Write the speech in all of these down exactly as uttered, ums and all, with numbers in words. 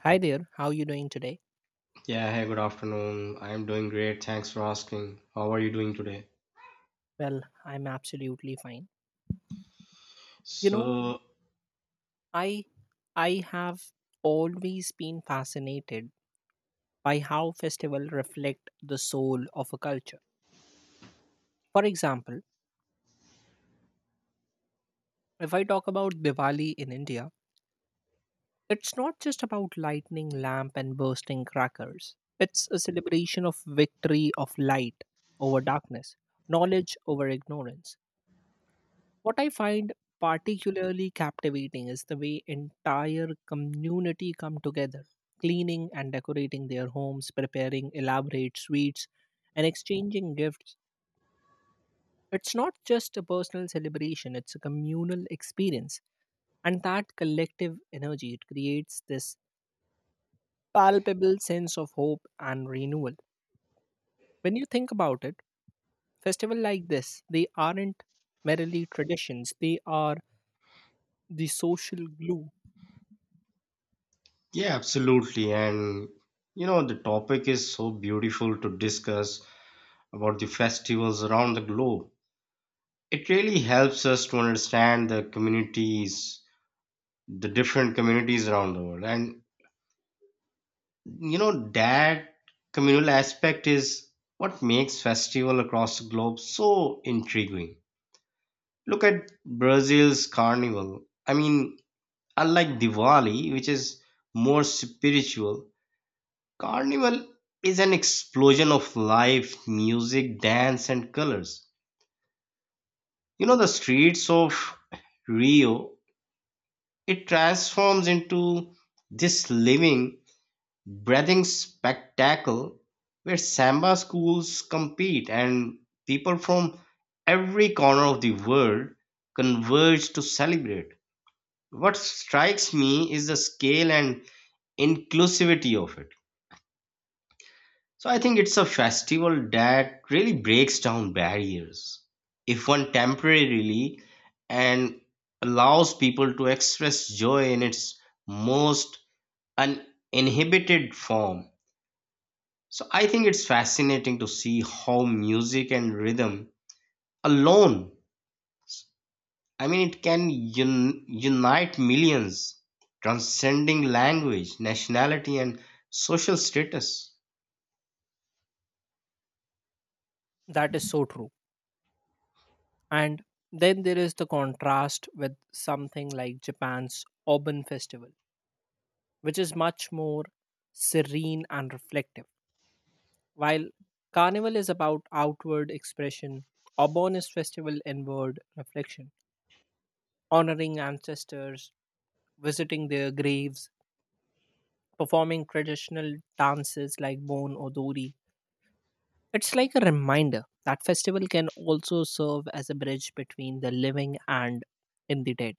Hi there, how are you doing today? Yeah, hey, good afternoon. I am doing great. Thanks for asking. How are you doing today? Well, I'm absolutely fine. You know, So, I I have always been fascinated by how festivals reflect the soul of a culture. For example, if I talk about Diwali in India, it's not just about lighting lamp and bursting crackers. It's a celebration of victory of light over darkness, knowledge over ignorance. What I find particularly captivating is the way entire community come together, cleaning and decorating their homes, preparing elaborate sweets, and exchanging gifts. It's not just a personal celebration, it's a communal experience. And that collective energy, it creates this palpable sense of hope and renewal. When you think about it, festivals like this, they aren't merely traditions, they are the social glue yeah, absolutely. And you know, the topic is so beautiful to discuss about the festivals around the globe. It really helps us to understand the communities, the different communities around the world. And you know, that communal aspect is what makes festival across the globe so intriguing. Look at Brazil's carnival. I mean, unlike Diwali, which is more spiritual, Carnival is an explosion of life, music, dance, and colors. You know, the streets of Rio, it transforms into this living, breathing spectacle where samba schools compete and people from every corner of the world converge to celebrate. What strikes me is the scale and inclusivity of it. So I think it's a festival that really breaks down barriers, if one temporarily, and allows people to express joy in its most uninhibited form. So I think it's fascinating to see how music and rhythm alone, I mean, it can un- unite millions, transcending language, nationality, and social status. that is so true. And then there is the contrast with something like Japan's Obon Festival, which is much more serene and reflective. While Carnival is about outward expression, Obon is festival inward reflection, honoring ancestors, visiting their graves, performing traditional dances like Bon Odori. It's like a reminder that festival can also serve as a bridge between the living and in the dead,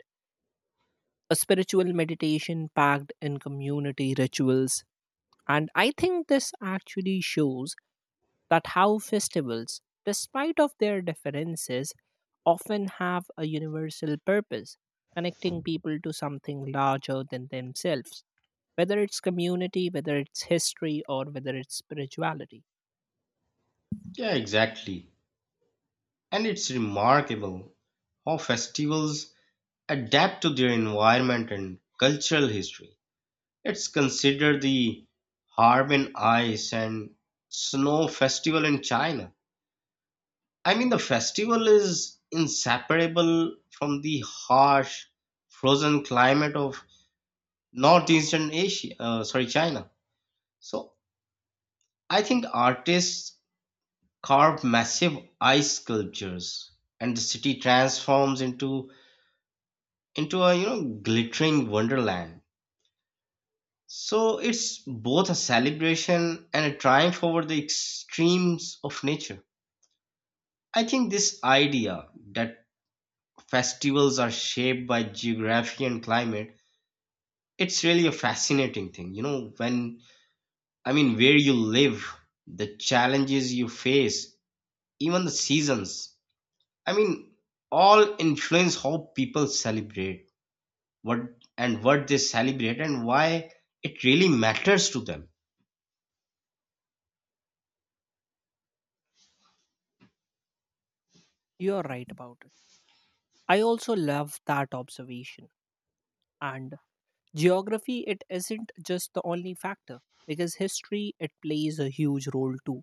a spiritual meditation packed in community rituals. And I think this actually shows that how festivals, despite of their differences, often have a universal purpose, connecting people to something larger than themselves, whether it's community, whether it's history, or whether it's spirituality. Yeah, exactly. And it's remarkable how festivals adapt to their environment and cultural history. It's considered the Harbin Ice and Snow Festival in China. I mean, the festival is inseparable from the harsh, frozen climate of northeastern Asia, uh, sorry, China. So I think artists carve massive ice sculptures, and the city transforms into into a, you know, glittering wonderland. So it's both a celebration and a triumph over the extremes of nature. I think this idea that festivals are shaped by geography and climate, it's really a fascinating thing, you know, when I mean, where you live, the challenges you face, even the seasons, I mean, all influence how people celebrate what, and what they celebrate, and why it really matters to them. You're right about it. I also love that observation. And Geography, it isn't just the only factor because history, it plays a huge role too.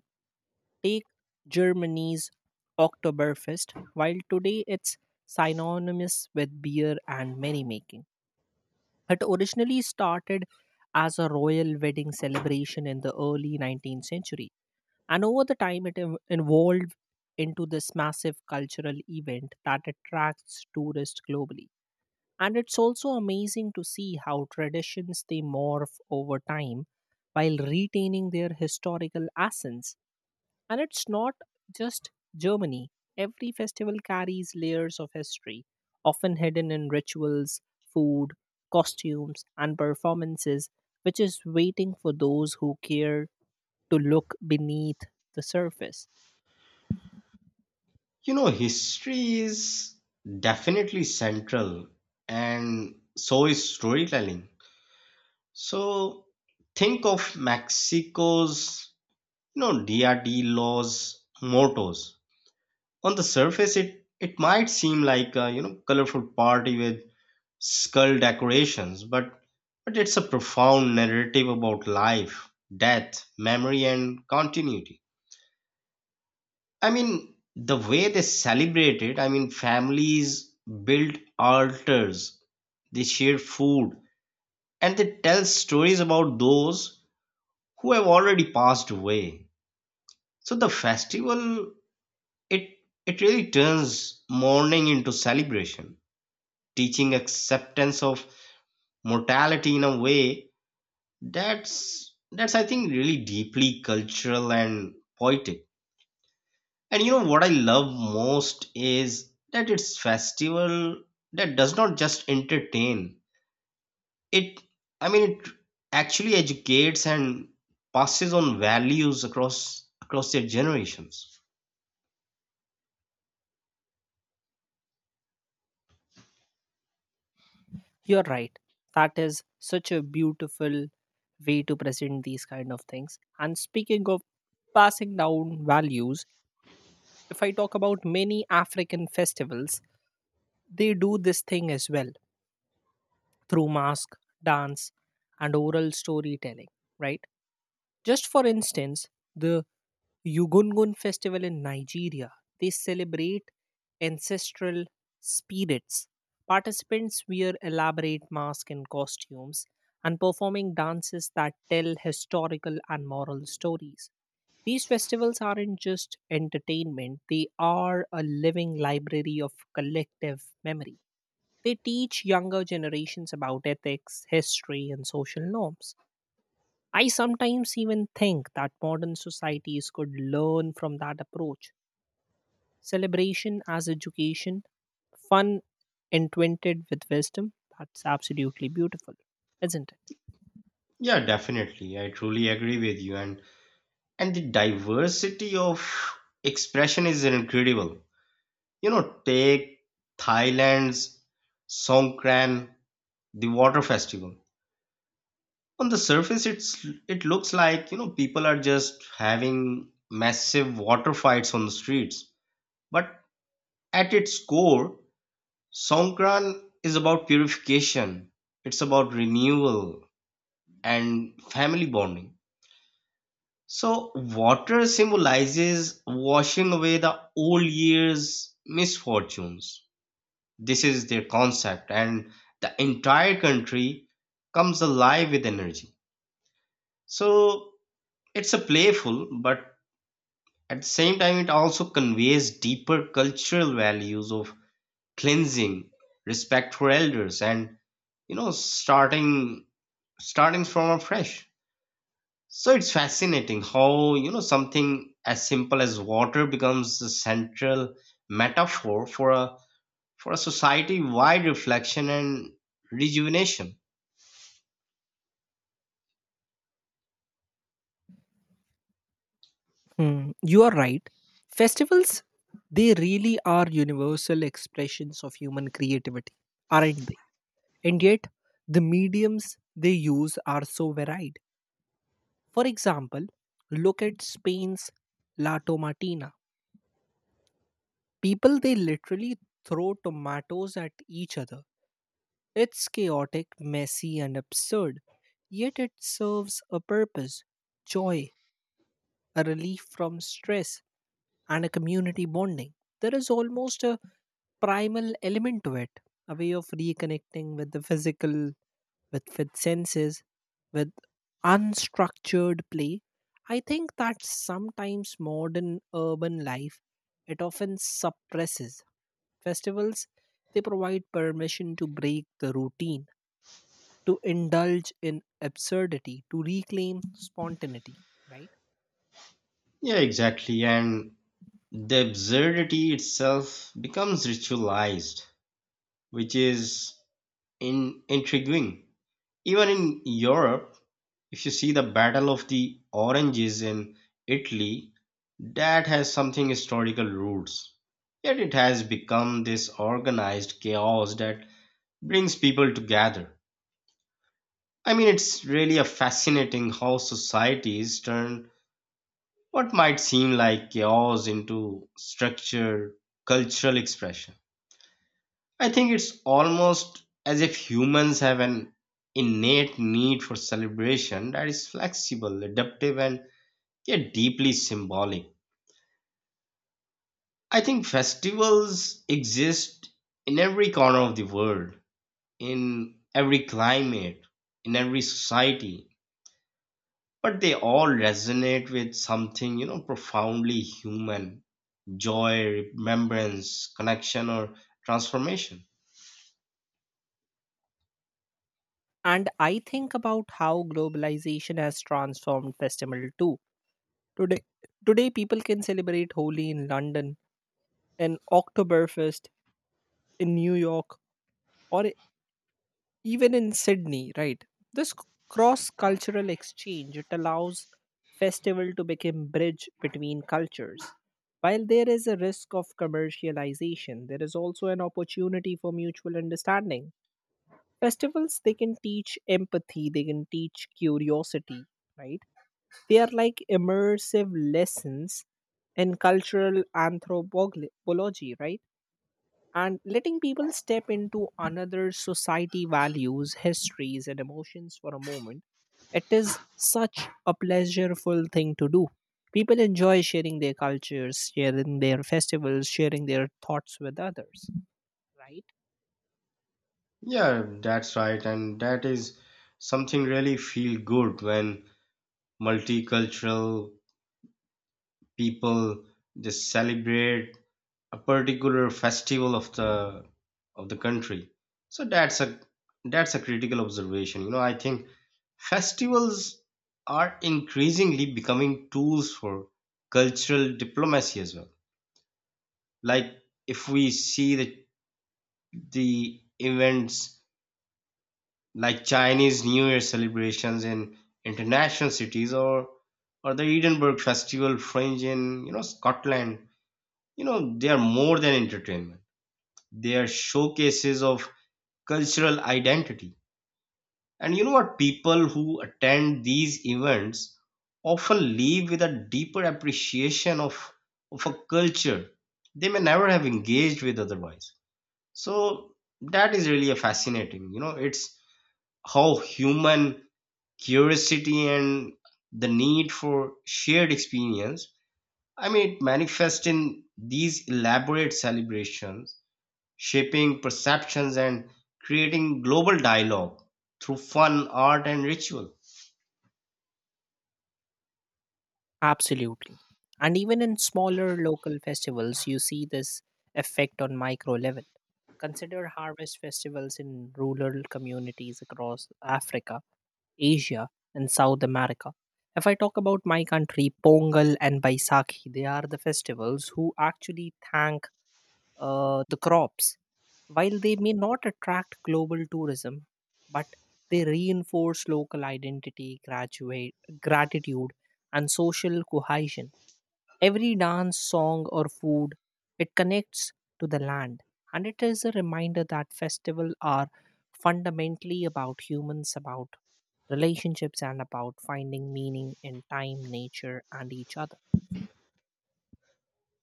Take Germany's Oktoberfest, while today it's synonymous with beer and merrymaking. It originally started as a royal wedding celebration in the early nineteenth century, and over the time it ev- evolved into this massive cultural event that attracts tourists globally. And it's also amazing to see how traditions they morph over time while retaining their historical essence. And it's not just Germany. Every festival carries layers of history, often hidden in rituals, food, costumes, and performances, which is waiting for those who care to look beneath the surface. You know, history is definitely central, and so is storytelling. So think of Mexico's, you know, D R D laws mottos. On the surface, it it might seem like a, you know, colorful party with skull decorations, but but it's a profound narrative about life, death, memory, and continuity. I mean, the way they celebrate it, I mean, families build altars, they share food, and they tell stories about those who have already passed away. So the festival, it it really turns mourning into celebration, teaching acceptance of mortality in a way that's that's I think really deeply cultural and poetic. And you know what I love most is that it's festival that does not just entertain. It, I mean, it actually educates and passes on values across across their generations. You're right. That is such a beautiful way to present these kind of things. And speaking of passing down values, if I talk about many African festivals, they do this thing as well through mask, dance, and oral storytelling, right? Just for instance, the Yugungun festival in Nigeria. They celebrate ancestral spirits. Participants wear elaborate masks and costumes and performing dances that tell historical and moral stories. These festivals aren't just entertainment, they are a living library of collective memory. They teach younger generations about ethics, history, and social norms. I sometimes even think that modern societies could learn from that approach. Celebration as education, fun entwined with wisdom. That's absolutely beautiful, isn't it? Yeah, definitely. I truly agree with you, and and the diversity of expression is incredible. You know, take Thailand's Songkran, the water festival. On the surface, it's it looks like, you know, people are just having massive water fights on the streets, but at its core, Songkran is about purification, it's about renewal and family bonding. So water symbolizes washing away the old year's misfortunes. This is their concept, and the entire country comes alive with energy. So it's a playful but at the same time, it also conveys deeper cultural values of cleansing, respect for elders, and, you know, starting starting from afresh. So it's fascinating how, you know, something as simple as water becomes the central metaphor for a for a society-wide reflection and rejuvenation. Hmm, you are right. Festivals, they really are universal expressions of human creativity, aren't they? And yet, the mediums they use are so varied. For example, look at Spain's La Tomatina. People they literally throw tomatoes at each other. It's chaotic, messy, and absurd, yet it serves a purpose joy, a relief from stress, and a community bonding. There is almost a primal element to it, a way of reconnecting with the physical with with senses with unstructured play. I think that sometimes modern urban life, it often suppresses festivals. They provide permission to break the routine, to indulge in absurdity, to reclaim spontaneity, right? Yeah, exactly. And the absurdity itself becomes ritualized, which is in intriguing. Even in Europe, if you see the Battle of the Oranges in Italy, that has something historical roots. Yet it has become this organized chaos that brings people together. I mean, it's really a fascinating how societies turn what might seem like chaos into structure, cultural expression. I think it's almost as if humans have an innate need for celebration that is flexible, adaptive, and yet deeply symbolic. I think festivals exist in every corner of the world, in every climate, in every society, but they all resonate with something, you know, profoundly human: joy, remembrance, connection, or transformation. And I think about how globalization has transformed festival too. today Today people can celebrate Holi in London, in Oktoberfest in New York, or even in Sydney, right? This cross cultural exchange, it allows festival to become bridge between cultures. While there is a risk of commercialization, there is also an opportunity for mutual understanding. Festivals they can teach empathy, they can teach curiosity, right? They are like immersive lessons in cultural anthropology, right? And letting people step into another society values histories and emotions for a moment, it is such a pleasureful thing to do. People enjoy sharing their cultures, sharing their festivals, sharing their thoughts with others, right? Yeah, that's right. And that is something really feel good when multicultural people just celebrate a particular festival of the of the country. So that's a that's a critical observation. You know, I think festivals are increasingly becoming tools for cultural diplomacy as well. Like if we see the the events like Chinese New Year celebrations in international cities, or or the Edinburgh Festival Fringe in, you know, Scotland. You know, they are more than entertainment. They are showcases of cultural identity. And you know what? People who attend these events often leave with a deeper appreciation of of a culture they may never have engaged with otherwise. So that is really a fascinating. You know, it's how human curiosity and the need for shared experience. I mean, it manifests in these elaborate celebrations, shaping perceptions and creating global dialogue through fun, art, and ritual. Absolutely. And even in smaller local festivals you see this effect on micro level. Consider harvest festivals in rural communities across africa, Asia, and South America. If I talk about my country, Pongal and Baisakhi, they are the festivals who actually thank uh, the crops. While they may not attract global tourism, but they reinforce local identity, graduate, gratitude, and social cohesion. Every dance, song, or food, it connects to the land. And it is a reminder that festivals are fundamentally about humans, about Relationships and about finding meaning in time, nature, and each other.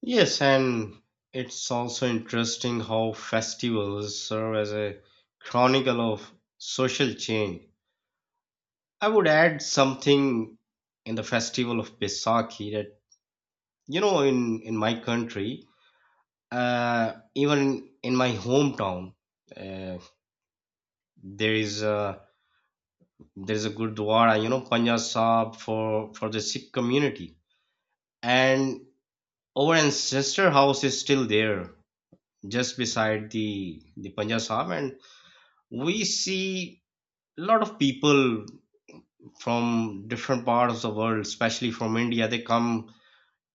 Yes, and it's also interesting how festivals serve as a chronicle of social change. I would add something in the festival of Baisakhi that, you know, in, in my country, Uh, even in my hometown, uh, there is a there is a gurdwara, you know, Panjab Sahib for for the Sikh community, and our ancestor house is still there, just beside the the Panjab Sahib, and we see a lot of people from different parts of the world, especially from India. They come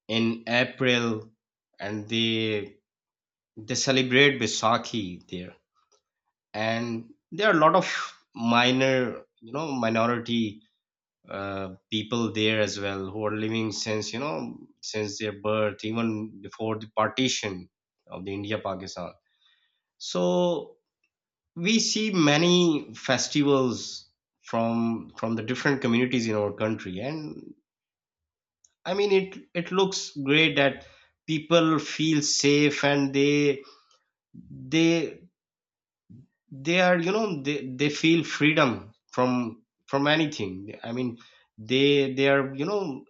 in April, and they they celebrate Baisakhi there. And there are a lot of minor, you know, minority uh, people there as well, who are living since, you know, since their birth, even before the partition of the India Pakistan. So we see many festivals from from the different communities in our country. And I mean, it it looks great that people feel safe, and they they they are, you know, they, they feel freedom from from anything. I mean, they they are, you know,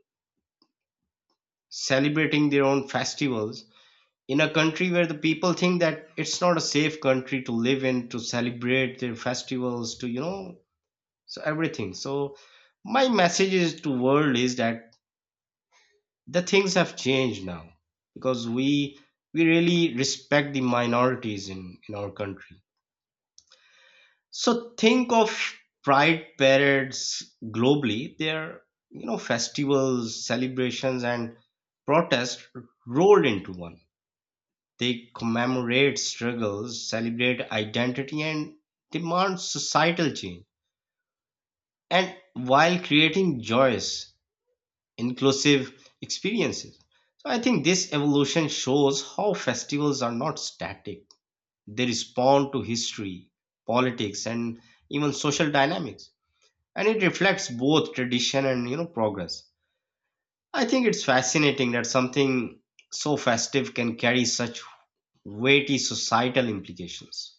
celebrating their own festivals in a country where the people think that it's not a safe country to live in, to celebrate their festivals to, you know, so everything. So my message is to world is that the things have changed now, because we we really respect the minorities in in our country. So think of pride parades globally. They're, you know, festivals, celebrations, and protests rolled into one. They commemorate struggles, celebrate identity, and demand societal change. And while creating joyous, inclusive experiences. So I think this evolution shows how festivals are not static. They respond to history, politics, and even social dynamics, and it reflects both tradition and, you know, progress. I think it's fascinating that something so festive can carry such weighty societal implications.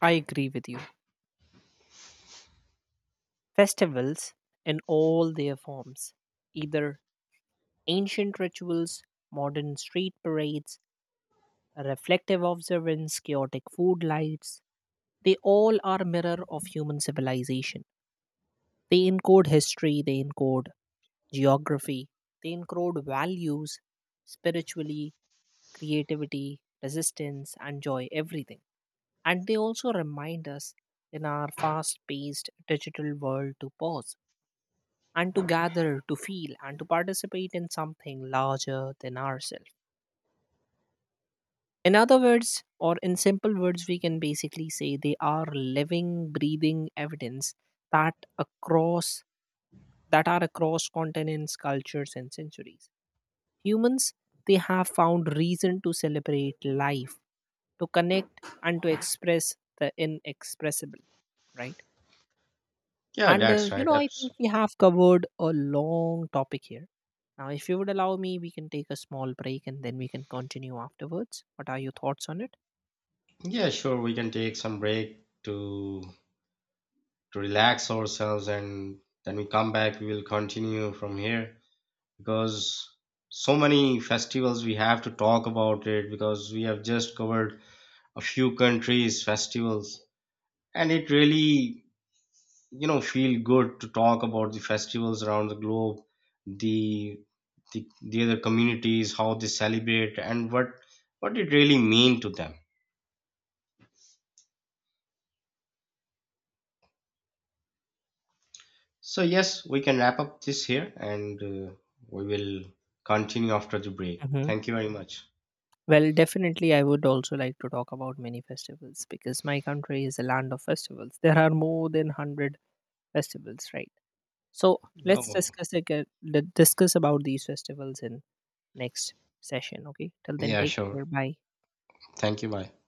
I agree with you. Festivals in all their forms, either ancient rituals, modern street parades, reflective observance, chaotic food lights, they all are a mirror of human civilization. They encode history, they encode geography, they encode values, spiritually, creativity, resistance, and joy, everything. And they also remind us in our fast paced digital world to pause and to gather, to feel, and to participate in something larger than ourselves. In other words, or in simple words, we can basically say they are living, breathing evidence that across that are across continents, cultures, and centuries. Humans, they have found reason to celebrate life, to connect, and to express the inexpressible, right? Yeah, And uh, that's you right, know, I think absolutely. we have covered a long topic here. Now, if you would allow me, we can take a small break and then we can continue afterwards. What are your thoughts on it? Yeah, sure, we can take some break to to relax ourselves, and then we come back, we will continue from here. Because so many festivals we have to talk about it, because we have just covered a few countries festivals, and it really, you know, feel good to talk about the festivals around the globe, the the, the other communities, how they celebrate, and what what it really mean to them. So yes, we can wrap up this here, and uh, we will continue after the break. Hmm. Thank you very much. Well, definitely, I would also like to talk about many festivals because my country is a land of festivals. There are more than one hundred festivals, right? So, let's Oh, discuss again, discuss about these festivals in next session, okay? Till then, yeah, take sure, care. Bye. thank you, bye.